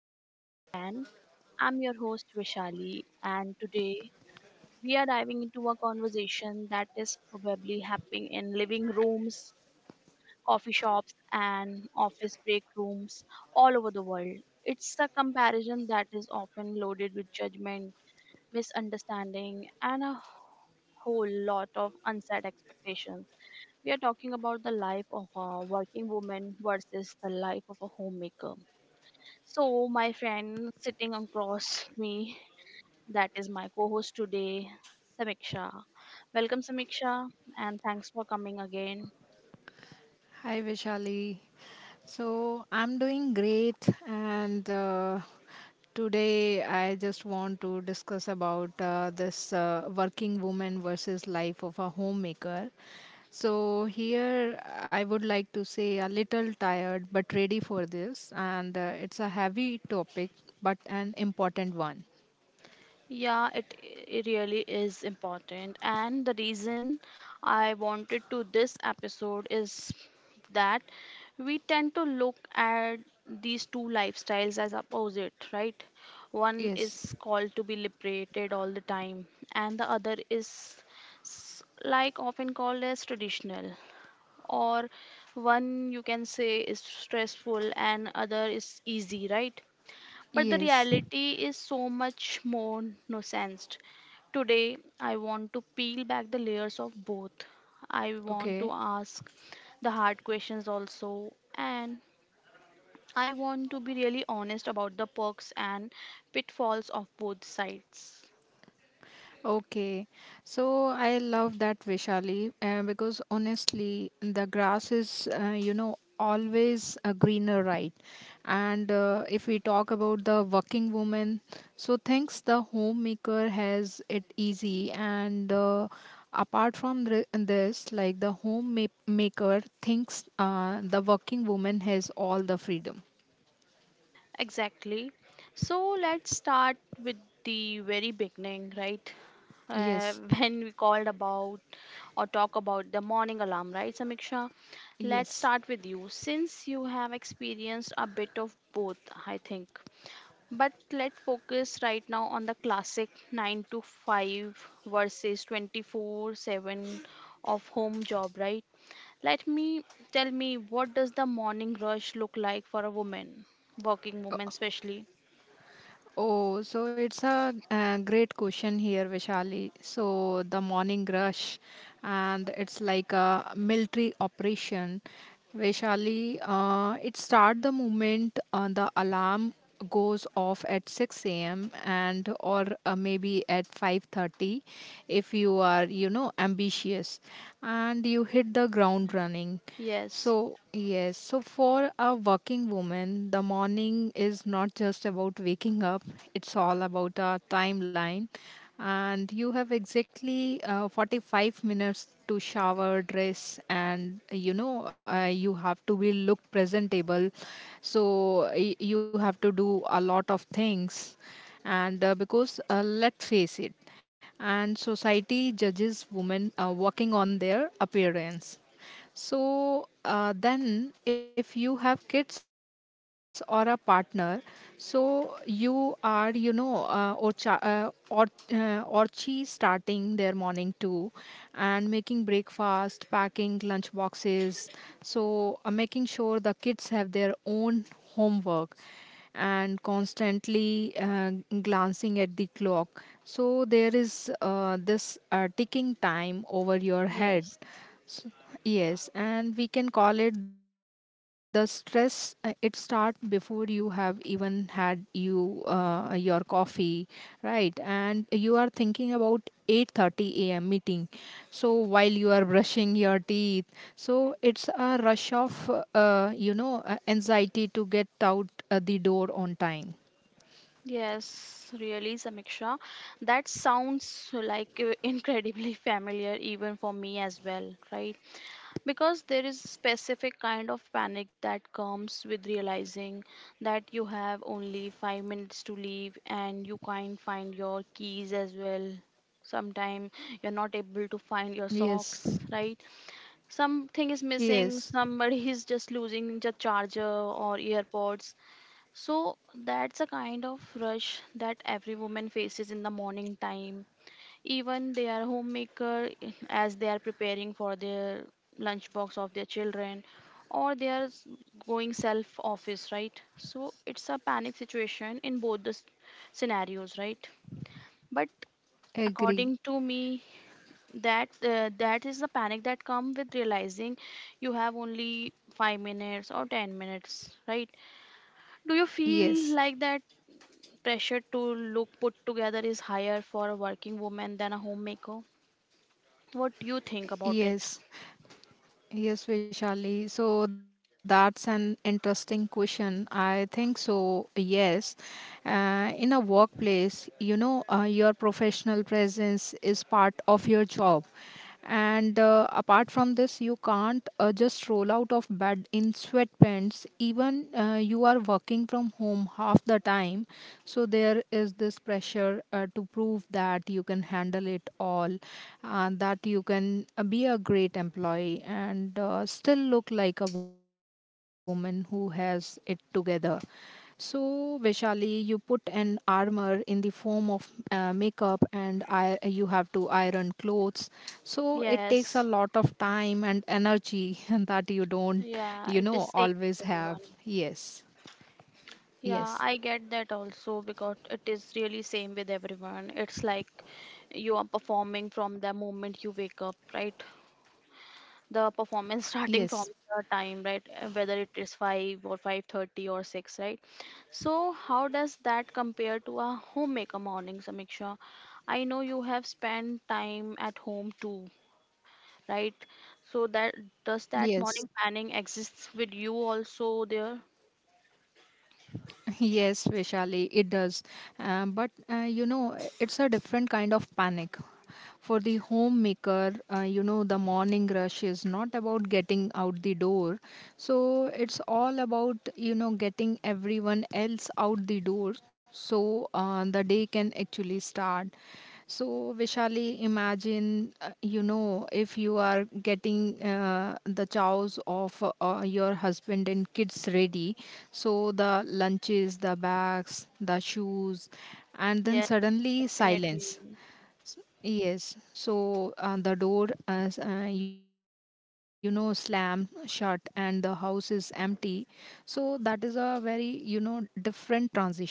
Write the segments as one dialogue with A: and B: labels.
A: podcast again. I'm your host Vishali, and today we are diving into a conversation that is probably happening in living rooms, coffee shops, and office break rooms all over the world. It's a comparison that is often loaded with judgment misunderstanding, and a whole lot of unset expectations. We are talking about the life of a working woman versus the life of a homemaker. So, my friend sitting across me, that is my co host today, Samiksha. Welcome, Samiksha, and thanks for coming again.
B: Hi, Vishali. So I'm doing great, and today I just want to discuss about this working woman versus life of a homemaker. So here I would like to say a little tired but ready for this, and it's a heavy topic but an important one.
A: Yeah, it really is important. And the reason I wanted to this episode is that we tend to look at these two lifestyles as opposite, right? One
B: Yes.
A: is called to be liberated all the time, and the other is like often called as traditional. Or one you can say is stressful and other is easy, right? But the
B: Yes.
A: reality is so much more nuanced. Today, I want to peel back the layers of both. I want
B: Okay.
A: to ask the hard questions also, and I want to be really honest about the perks and pitfalls of both sides.
B: Okay, so I love that Vishali because honestly, the grass is, always a greener, right? And if we talk about the working woman, so thinks the homemaker has it easy, and apart from this, like the homemaker thinks the working woman has all the freedom.
A: Exactly. So let's start with the very beginning, right?
B: Yes,
A: When we called about or talk about the morning alarm, right, Samiksha? Let's
B: yes.
A: start with you since you have experienced a bit of both, I think. But let's focus right now on the classic 9 to 5 versus 24/7 of home job, right? Let me tell me what does the morning rush look like for a woman, working woman especially?
B: Oh, so it's a, great question here, Vishali. So the morning rush, and it's like a military operation. Vishali, it start the moment the alarm goes off at 6 a.m. and or maybe at 5:30 if you are you know ambitious and you hit the ground running
A: Yes,
B: so, yes, so for a working woman, the morning is not just about waking up, it's all about a timeline. And you have exactly 45 minutes to shower, dress, and you have to be look presentable. So, you have to do a lot of things. And because, let's face it, and society judges women working on their appearance so then if you have kids or a partner so you are you know or or orchi starting their morning too and making breakfast packing lunch boxes so making sure the kids have their own homework and constantly glancing at the clock so there is this ticking time over your head.
A: yes.
B: So, yes, and we can call it the stress. It start before you have even had you your coffee, right? And you are thinking about 8:30 a.m. meeting. So while you are brushing your teeth, so it's a rush of anxiety to get out the door on time.
A: Yes, really, Samiksha. That sounds like incredibly familiar even for me as well, right? Because there is specific kind of panic that comes with realizing that you have only 5 minutes to leave and you can't find your keys as well. Sometime you're not able to find your
B: Yes,
A: socks, right? Something is missing,
B: yes,
A: somebody is just losing the charger or earpods, so that's a kind of rush that every woman faces in the morning time. Even they are homemaker as they are preparing for their lunchbox of their children or they are going self office, right? So it's a panic situation in both the scenarios, right? But according to
B: agree.
A: me that that is the panic that come with realizing you have only 5 minutes or 10 minutes, right? Do you feel like that
B: Yes,
A: pressure to look put together is higher for a working woman than a homemaker? What do you think about it?
B: yes. Yes, Vishali. So that's an interesting question. I think so. Yes, in a workplace, you know, your professional presence is part of your job, and apart from this, you can't just roll out of bed in sweatpants. Even you are working from home half the time, so there is this pressure to prove that you can handle it all, and that you can be a great employee and still look like a woman who has it together. So, Vishali, you put an armor in the form of makeup, and you have to iron clothes. So it takes a lot
A: Yes,
B: of time and energy and that you don't,
A: yeah,
B: you
A: it is
B: know,
A: same
B: always
A: with
B: have.
A: everyone.
B: Yes,
A: Yeah, I
B: yes,
A: get that also because it is really same with everyone. It's like you are performing from the moment you wake up, right? The performance starting from
B: yes,
A: the time right, whether it is 5 or 5:30 or 6, right? So how does that compare to a homemaker morning, Samiksha? I know you have spent time at home too, right? So that, does
B: yes.
A: that morning planning exists with you also there?
B: Yes, Vishali, it does. But you know, it's a different kind of panic. For the homemaker, you know, the morning rush is not about getting out the door. So it's all about, you know, getting everyone else out the door so the day can actually start. So, Vishali, imagine, you know, if you are getting the chows of your husband and kids ready, so the lunches, the bags, the shoes, and then
A: Yes,
B: suddenly
A: definitely,
B: silence. Yes, so the door, as you know, slammed shut and the house is empty. So that is a very, you know, different transition.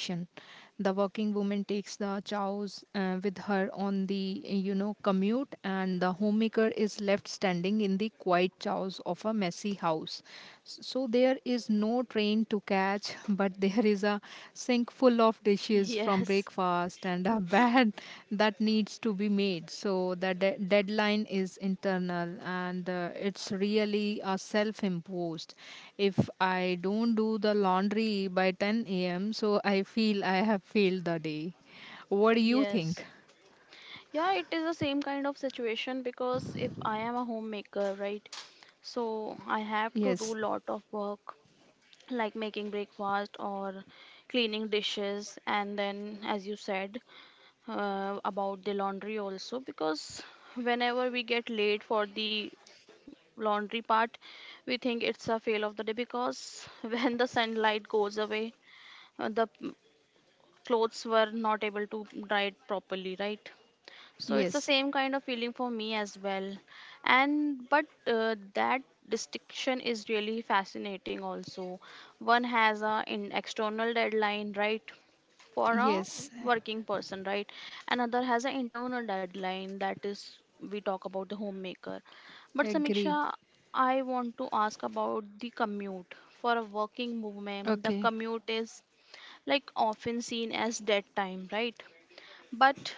B: The working woman takes the chows with her on the, you know, commute, and the homemaker is left standing in the quiet chows of a messy house. So there is no train to catch, but there is a sink full of dishes from
A: yes,
B: breakfast and a bed that needs to be made. So the deadline is internal and it's really a self imposed. If I don't do the laundry by 10 a.m., so I feel I have failed the day. What do you think?
A: yes. Yeah, it is the same kind of situation because if I am a homemaker, right, so I have to do
B: Yes,
A: lot of work like making breakfast or cleaning dishes, and then as you said, about the laundry also, because whenever we get late for the laundry part, we think it's a fail of the day because when the sunlight goes away, the clothes were not able to dry it properly, right? So it's the same
B: yes,
A: kind of feeling for me as well. And but that distinction is really fascinating also. One has a in external deadline, right? For a
B: yes,
A: working person, right? Another has an internal deadline, that is we talk about the homemaker. But Samiksha,
B: agree.
A: I want to ask about the commute. For a working woman, the
B: Okay,
A: commute is like often seen as dead time, right? But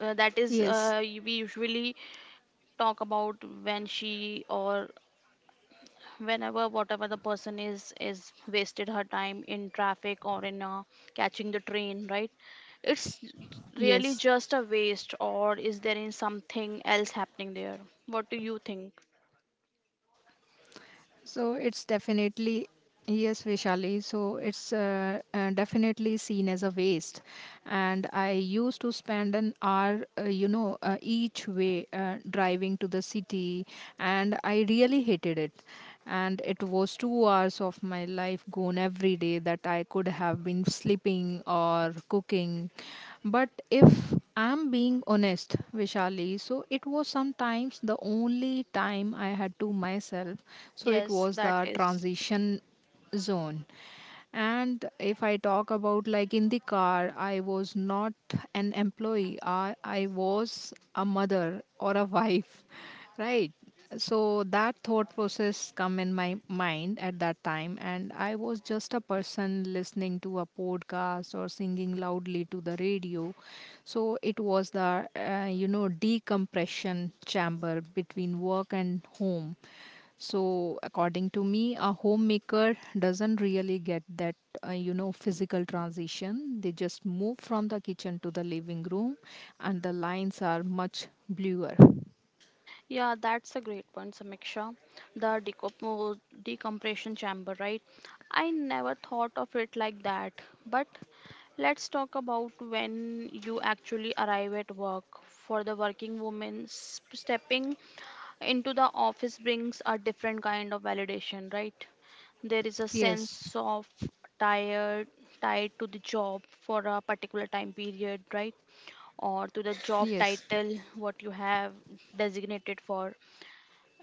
A: that is
B: yes,
A: we usually talk about when she, or whenever whatever the person is, wasted her time in traffic or in catching the train, right? It's really
B: yes.
A: just a waste, or is there in something else happening there? What do you think?
B: So it's definitely, yes, Vishali. So it's definitely seen as a waste. And I used to spend an hour, each way driving to the city, and I really hated it. And it was 2 hours of my life gone every day that I could have been sleeping or cooking. But if I'm being honest, Vishali. So it was sometimes the only time I had to myself. So it
A: Yes,
B: was
A: that
B: the
A: is.
B: transition zone. And if I talk about like in the car, I was not an employee. I was a mother or a wife, right? So that thought process come in my mind at that time, and I was just a person listening to a podcast or singing loudly to the radio so it was the, you know, decompression chamber between work and home. So according to me, a homemaker doesn't really get that, you know, physical transition. They just move from the kitchen to the living room, and the lines are much bluer.
A: Yeah, that's a great point, Samiksha. The decompression chamber, right? I never thought of it like that, but let's talk about when you actually arrive at work. For the working woman, stepping into the office brings a different kind of validation, right? There is a
B: Yes,
A: sense of tired tied to the job for a particular time period, right? Or to the job
B: yes.
A: title, what you have designated for.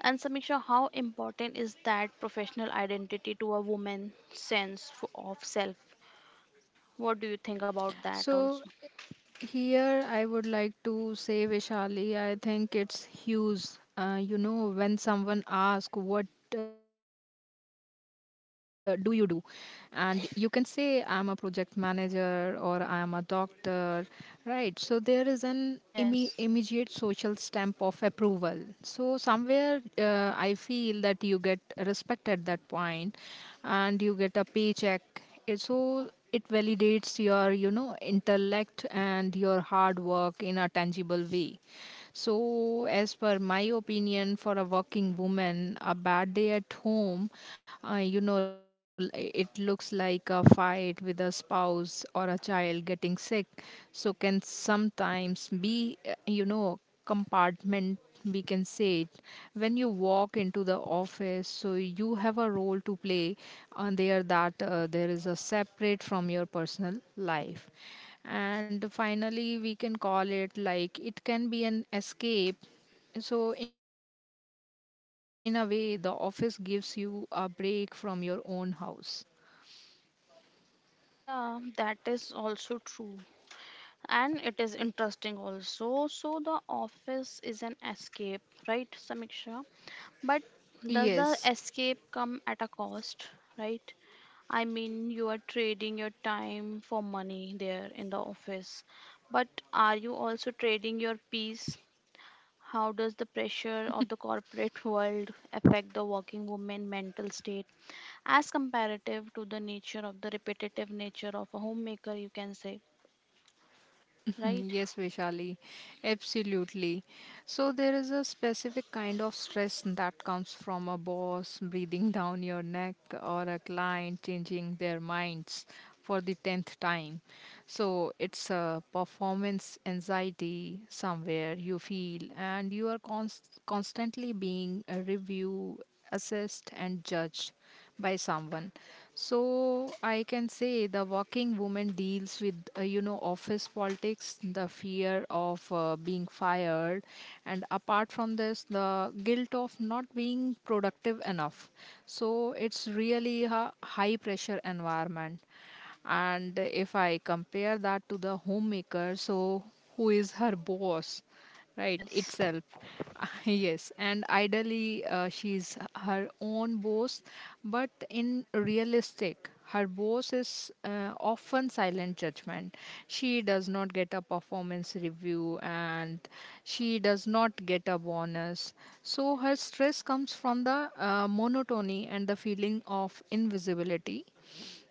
A: And Samiksha, how important is that professional identity to a woman's sense of self? What do you think about that
B: So
A: also?
B: here, I would like to say, Vishali, I think it's huge. You know, when someone asks, what do you do? And you can say, I'm a project manager or I'm a doctor, right? So there is an immediate social
A: Yes.
B: stamp of approval. So somewhere I feel that you get respect at that point and you get a paycheck. Eh, so it validates your, you know, intellect and your hard work in a tangible way. So, as per my opinion, for a working woman, a bad day at home, you know, it looks like a fight with a spouse or a child getting sick. So, can sometimes be, you know, compartment we can say it when you walk into the office so you have a role to play on there that there is a separate from your personal life and finally we can call it like it can be an escape so in a way the office gives you a break from your own house.
A: Yeah, that is also true. And it is interesting also. So the office is an escape, right, Samiksha? But
B: Yes.
A: does the escape come at a cost, right? I mean, you are trading your time for money there in the office. But are you also trading your peace? How does the pressure of the corporate world affect the working woman mental state as comparative to the nature of the repetitive nature of a homemaker, you can say? Right.
B: Yes, Vishali, absolutely. So, there is a specific kind of stress that comes from a boss breathing down your neck or a client changing their minds for the 10th time. So, it's a performance anxiety somewhere you feel, and you are constantly being reviewed, assessed, and judged by someone. So I can say the working woman deals with you know office politics the fear of being fired and apart from this the guilt of not being productive enough so it's really a high pressure environment. And if I compare that to the homemaker, so who is her boss? Right
A: Yes,
B: itself. Yes, and ideally she's her own boss but in realistic her boss is often silent judgment. She does not get a performance review and she does not get a bonus. So her stress comes from the monotony and the feeling of invisibility.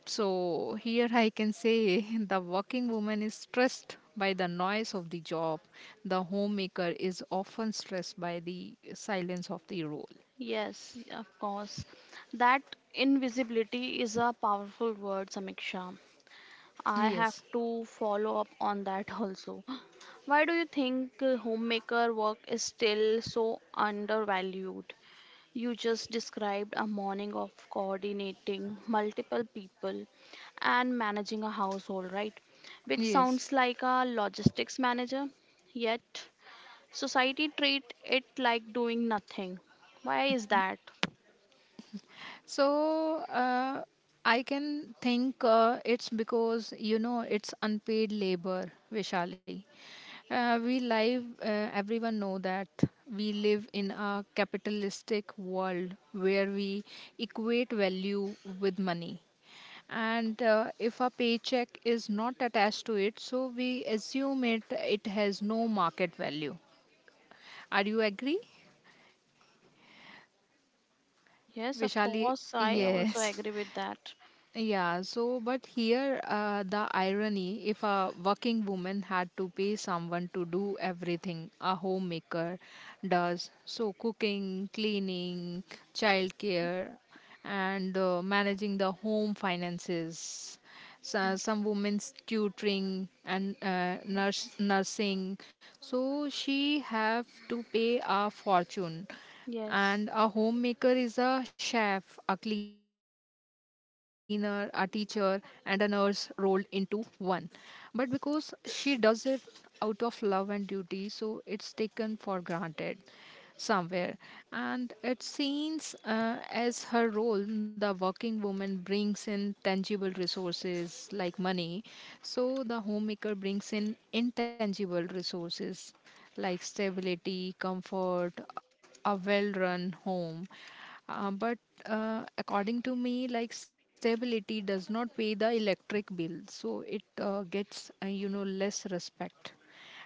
B: So here I can say the working woman is stressed by the noise of the job. The homemaker is often stressed by the silence of the role.
A: yes, of course. That invisibility is a powerful word, Samiksha. I have
B: Yes.
A: to follow up on that also. Why do you think homemaker work is still so undervalued? You just described a morning of coordinating multiple people and managing a household, right, which
B: Yes.
A: sounds like a logistics manager. Yet society treat it like doing nothing. Why is that?
B: So I can think it's because you know it's unpaid labor, Vishali. We live. Everyone know that we live in a capitalistic world where we equate value with money. And if a paycheck is not attached to it so we assume it has no market value. Are you agree,
A: Yes, of
B: Vishali?
A: course, I also
B: Yes.
A: agree with that.
B: Yeah, so but here the irony if a working woman had to pay someone to do everything a homemaker does so cooking, cleaning, childcare, and managing the home finances, so, some women's tutoring and nursing, so she have to pay a fortune.
A: Yes,
B: And a homemaker is a chef, a cleaner, a teacher, and a nurse rolled into one. But because she does it out of love and duty so it's taken for granted somewhere. And it seems as her role, the working woman brings in tangible resources like money, so the homemaker brings in intangible resources like stability, comfort, a well run home. But according to me, like stability does not pay the electric bill, so it gets, you know, less respect.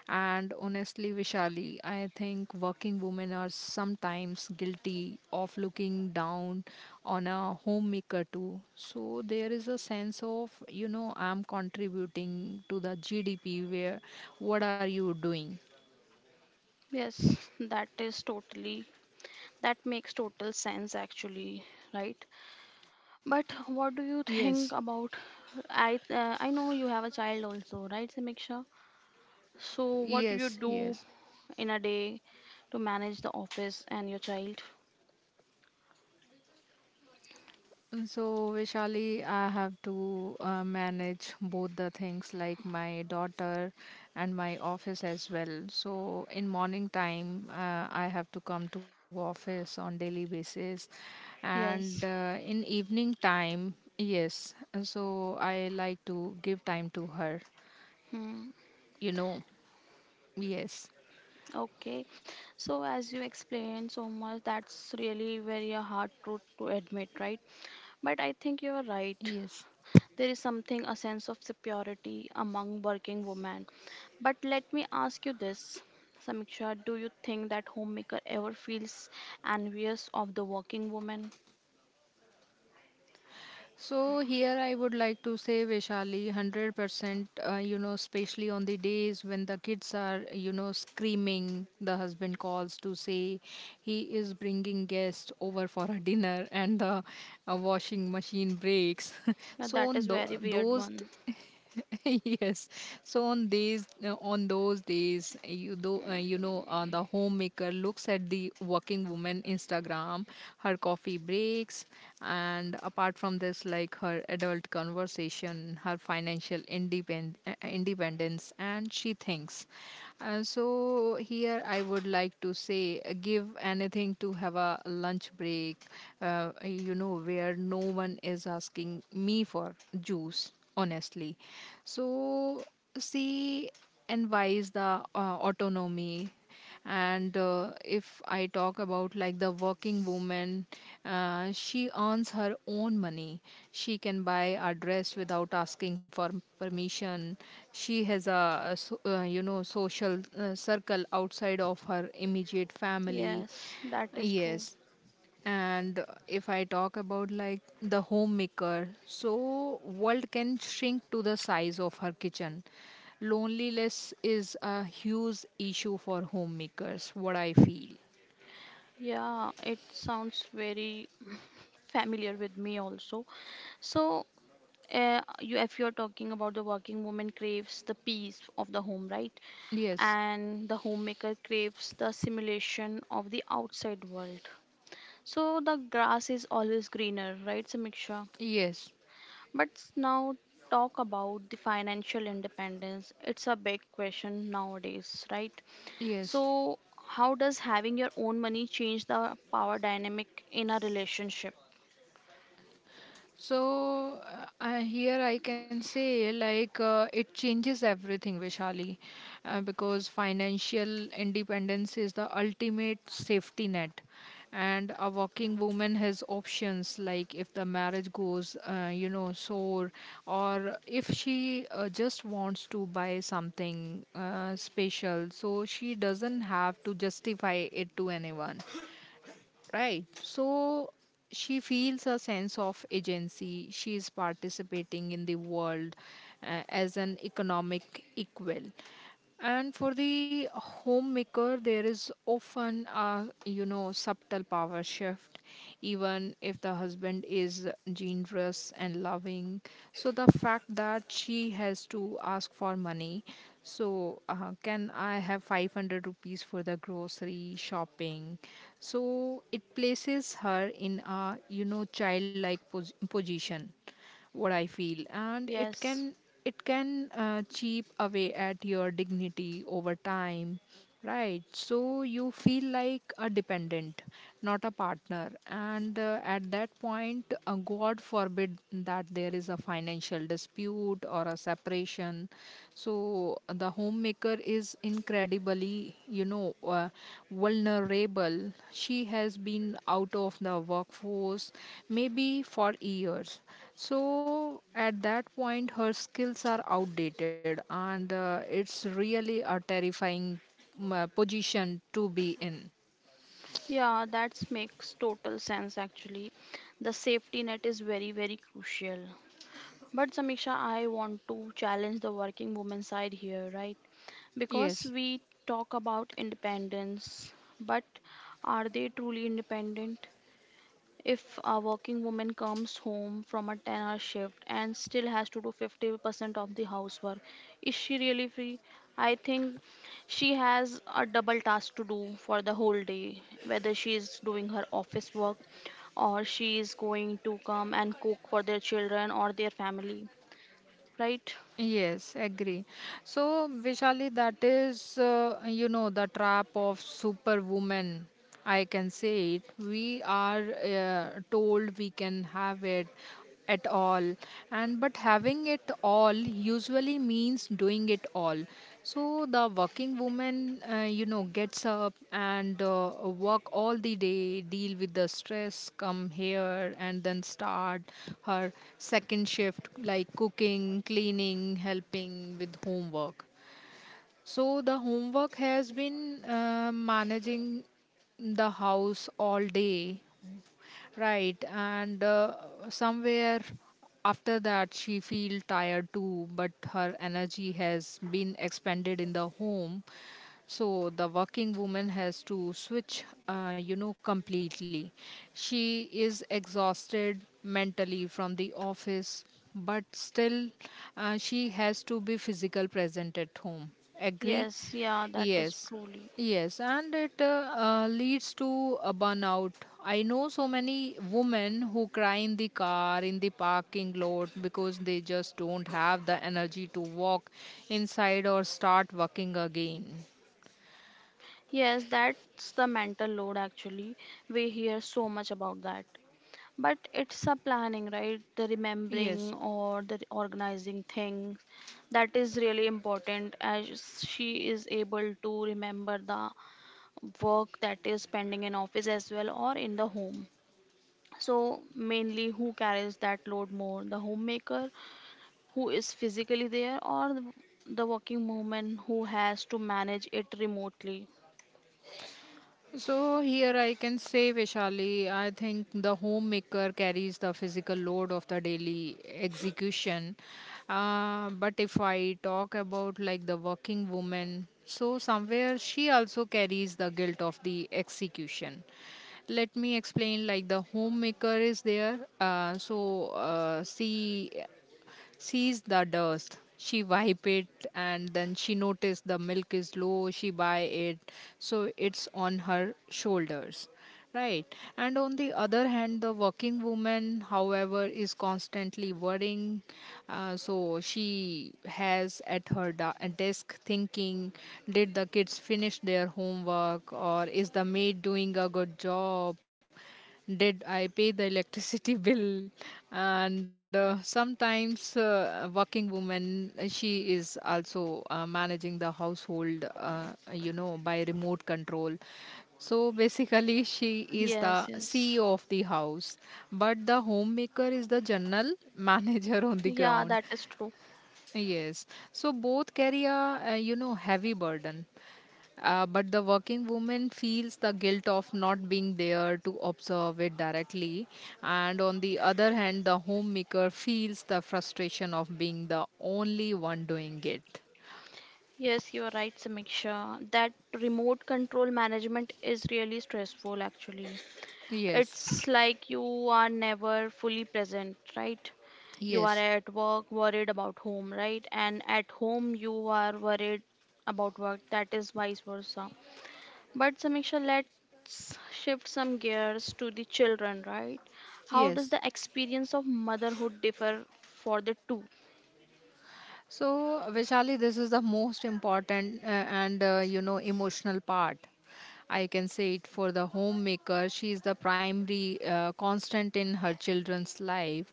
B: And honestly, Vishali, I think working women are sometimes guilty of looking down on a homemaker too. So there is a sense of, you know, I'm contributing to the GDP where what are you doing?
A: yes, that is totally, that makes total sense actually, right? But what do you
B: Yes,
A: think about? I know you have a child also, right, Samiksha? So what
B: yes,
A: do you
B: yes.
A: do in a day to manage the office and your child?
B: So, Vishali, I have to manage both the things like my daughter and my office as well. So, in morning time, I have to come to office on daily basis, and
A: Yes.
B: in evening time, yes. So, I like to give time to her.
A: Hmm.
B: You know, yes,
A: Okay, so as you explained so much, that's really very a hard truth to admit, right? But I think you are right.
B: yes.
A: There is something, a sense of superiority among working women. But let me ask you this, Samiksha, do you think that homemaker ever feels envious of the working woman?
B: So here I would like to say Vaishali 100%, you know, especially on the days when the kids are, you know, screaming, the husband calls to say he is bringing guests over for a dinner and the washing machine breaks
A: Yeah,
B: so
A: that
B: on
A: is
B: tho-
A: very weird
B: those
A: one.
B: yes, so on these on those days you though the homemaker looks at the working woman Instagram, her coffee breaks, and apart from this, like her adult conversation, her independence, and she thinks, so here I would like to say, give anything to have a lunch break, you know, where no one is asking me for juice honestly. So, she envies the autonomy. And if I talk about like the working woman, she earns her own money. She can buy a dress without asking for permission. She has a you know social circle outside of her immediate family.
A: Yes, that is true.
B: Yes. And if I talk about like the homemaker, so world can shrink to the size of her kitchen. Loneliness is a huge issue for homemakers, what I feel.
A: Yeah, it sounds very familiar with me also. So if you're talking about the working woman craves the peace of the home, right,
B: Yes,
A: and the homemaker craves the simulation of the outside world, so the grass is always greener, right, Samiksha?
B: yes,
A: But now talk about the financial independence, it's a big question nowadays, right?
B: yes.
A: So how does having your own money change the power dynamic in a relationship?
B: So here I can say, like, it changes everything, Vishali, because financial independence is the ultimate safety net, and a working woman has options, like if the marriage goes, you know, sore, or if she just wants to buy something special, so she doesn't have to justify it to anyone, right? So she feels a sense of agency, she is participating in the world as an economic equal. And for the homemaker, there is often a, you know, subtle power shift, even if the husband is generous and loving. So the fact that she has to ask for money, so, can I have 500 rupees for the grocery shopping? So, it places her in a, you know, position, what I feel. And
A: Yes.
B: it can cheap away at your dignity over time. Right, so you feel like a dependent, not a partner. And at that point, God forbid that there is a financial dispute or a separation. So the homemaker is incredibly, you know, vulnerable. She has been out of the workforce maybe for years. So at that point, her skills are outdated, and it's really a terrifying position to be in.
A: Yeah, that makes total sense actually. The safety net is very, very crucial. But Samiksha, I want to challenge the working woman side here, right? Because
B: Yes,
A: we talk about independence, but are they truly independent? If a working woman comes home from a 10-hour shift and still has to do 50% of the housework, is she really free? I think she has a double task to do for the whole day, whether she is doing her office work or she is going to come and cook for their children or their family, right?
B: yes, agree. So, Vishali, that is, you know, the trap of superwoman. I can say it. We are told we can have it at all, and but having it all usually means doing it all. So the working woman, you know, gets up and work all the day, deal with the stress, come here, and then start her second shift, like cooking, cleaning, helping with homework. So the homework has been managing the house all day. Right, and somewhere after that she feel tired too, but her energy has been expended in the home. So the working woman has to switch, you know, completely. She is exhausted mentally from the office, but still she has to be physical present at home. Agree?
A: Yes, yeah, that is
B: Yes,
A: truly.
B: yes, and it leads to a burnout. I know so many women who cry in the car, in the parking lot, because they just don't have the energy to walk inside or start working again.
A: Yes, that's the mental load actually. We hear so much about that. But it's a planning, right? The
B: Yes.
A: remembering or the organizing things, that is really important as she is able to remember the work that is pending in office as well or in the home. So, mainly who carries that load more? The homemaker who is physically there or the working woman who has to manage it remotely?
B: So here I can say, Vishali, I think the homemaker carries the physical load of the daily execution. But if I talk about like the working woman, so somewhere she also carries the guilt of the execution. Let me explain, like the homemaker is there. Sees the dust. She wipe it, and then she notice the milk is low. She buy it, so it's on her shoulders. Right. And on the other hand, the working woman, however, is constantly worrying. So she has at her desk thinking, did the kids finish their homework, or is the maid doing a good job? Did I pay the electricity bill? And sometimes, working woman, she is also managing the household, you know, by remote control. So basically, she is
A: Yes,
B: the
A: yes.
B: CEO of the house, but the homemaker is the general manager on the
A: Yeah,
B: ground.
A: that is true.
B: Yes. So both carry a, you know, heavy burden. But the working woman feels the guilt of not being there to observe it directly. And on the other hand, the homemaker feels the frustration of being the only one doing it.
A: Yes, you are right, Samiksha. That remote control management is really stressful, actually.
B: Yes,
A: It's like you are never fully present, right? You are
B: yes,
A: at work worried about home, right? And at home you are worried about work. That is vice versa. But Samiksha, let's shift some gears to the children, right? How does
B: yes.
A: the experience of motherhood differ for the two?
B: So, Vishali, this is the most important and you know emotional part. I can say it, for the homemaker. She is the primary constant in her children's life.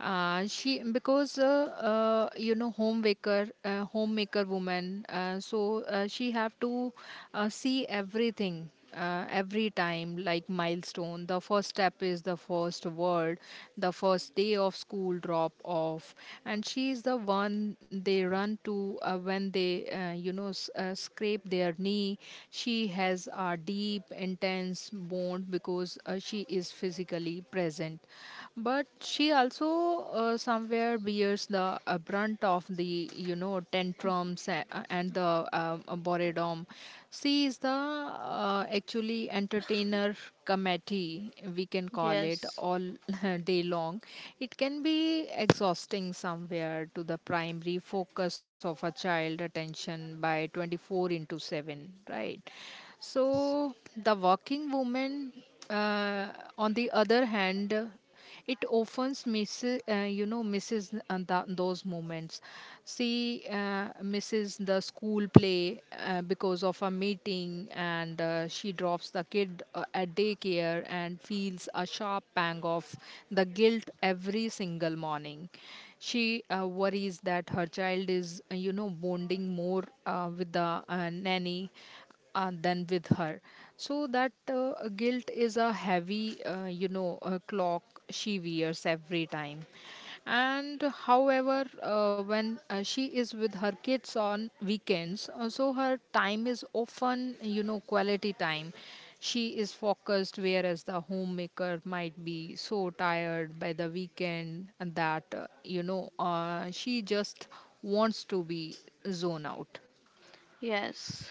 B: She because You know, homemaker, homemaker woman. She have to see everything every time, like milestone, the first step is the first word, the first day of school drop off, and she is the one they run to when they, scrape their knee. She has a deep intense bond because she is physically present, but she also somewhere bears the brunt of the, you know, tantrum and the boredom. She is the actually entertainer committee, we can call it,
A: Yes,
B: all day long. It can be exhausting somewhere to the primary focus of a child attention by 24 into 7, right?
A: yes,
B: So the working woman, uh, on the other hand, it often misses you know misses the, those moments. She misses the school play because of a meeting, and she drops the kid at daycare and feels a sharp pang of the guilt every single morning. She worries that her child is, you know, bonding more with the nanny than with her. So that guilt is a heavy, you know, clock she wears every time. And however, when she is with her kids on weekends, so her time is often, you know, quality time. She is focused, whereas the homemaker might be so tired by the weekend that, you know, she just wants to be zone out.
A: yes.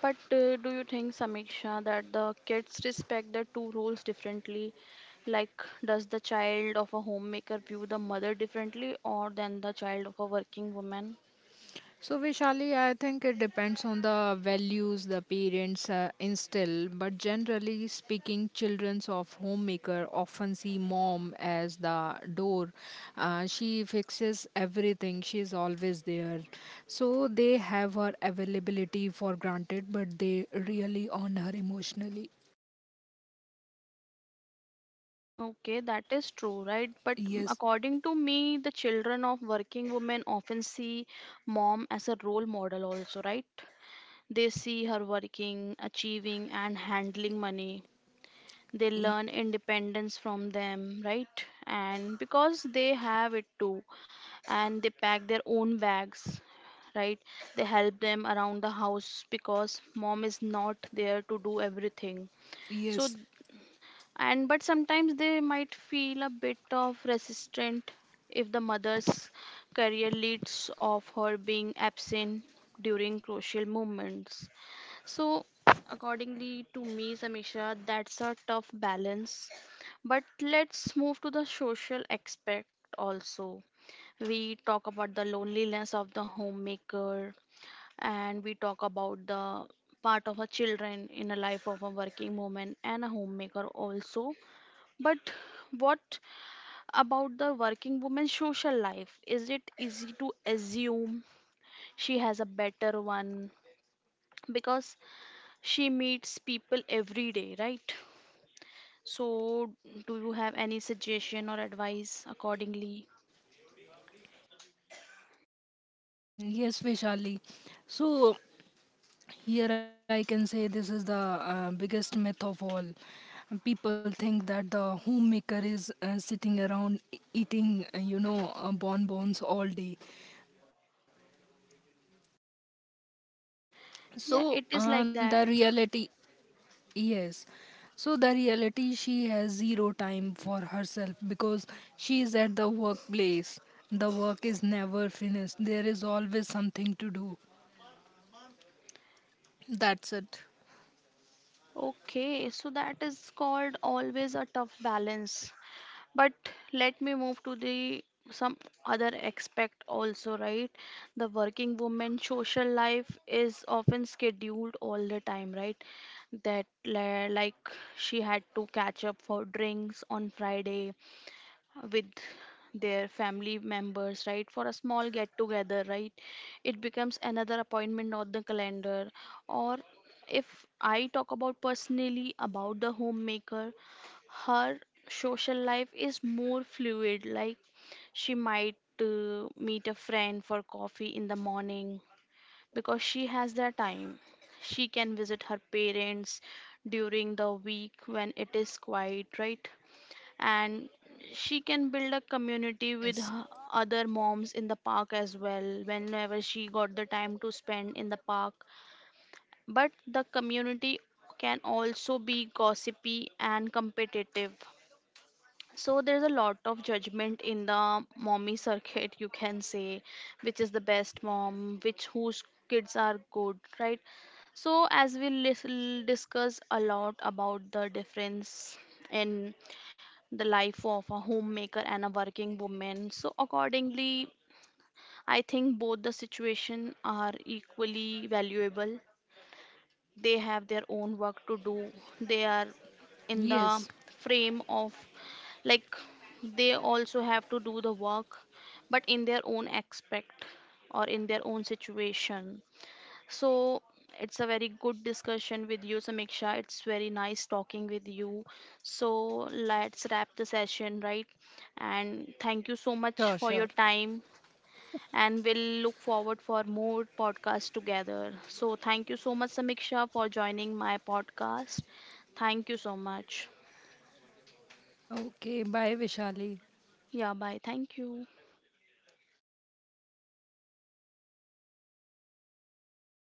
A: But do you think, Samiksha, that the kids respect the two roles differently? Like, does the child of a homemaker view the mother differently or than the child of a working woman?
B: So, Vishali, I think it depends on the values the parents instill, but generally speaking, children of homemaker often see mom as the door. She fixes everything, she is always there. So, they have her availability for granted, but they really own her emotionally.
A: Okay, that is true, right? But
B: Yes,
A: according to me, the children of working women often see mom as a role model, also, right? They see her working, achieving, and handling money. They
B: y-
A: learn independence from them, right? And because they have it too, and they pack their own bags, right, they help them around the house because mom is not there to do everything. So
B: yes,
A: and but sometimes they might feel a bit of resistant if the mother's career leads of her being absent during crucial moments. So, accordingly to me, Samisha, that's a tough balance. But let's move to the social aspect also. We talk about the loneliness of the homemaker, and we talk about the part of a children in a life of a working woman and a homemaker also. But what about the working woman's social life? Is it easy to assume she has a better one? Because she meets people every day, right? So, do you have any suggestion or advice accordingly?
B: yes, Vishali. So, here I can say this is the biggest myth of all. People think that the homemaker is sitting around eating, you know, bonbons all day.
A: Yeah, it
B: So
A: is like
B: the
A: that.
B: reality, yes. So the reality, she has zero time for herself because she is at the workplace. The work is never finished. There is always something to do. That's it.
A: Okay, so that is called always a tough balance. But let me move to the some other aspect also, right? The working woman social life is often scheduled all the time, right? That like, she had to catch up for drinks on Friday with their family members, right, for a small get together, right, it becomes another appointment on the calendar. Or if I talk about personally about the homemaker, her social life is more fluid, like she might meet a friend for coffee in the morning because she has that time. She can visit her parents during the week when it is quiet, right? And she can build a community with
B: Yes.
A: her other moms in the park as well, whenever she got the time to spend in the park. But the community can also be gossipy and competitive. So there's a lot of judgment in the mommy circuit, you can say, which is the best mom, which whose kids are good, right? So as we discuss a lot about the difference in the life of a homemaker and a working woman. So, accordingly, I think both the situation are equally valuable. They have their own work to do. They are in the
B: Yes.
A: frame of like, they also have to do the work, but in their own aspect or in their own situation. So it's a very good discussion with you, Samiksha. It's very nice talking with you. So let's wrap the session, right? And thank you so much
B: Sure.
A: for your
B: Sure.
A: time. And we'll look forward for more podcasts together. So thank you so much, Samiksha, for joining my podcast. Thank you so much.
B: Okay. Bye, Vishali.
A: Yeah, bye. Thank you.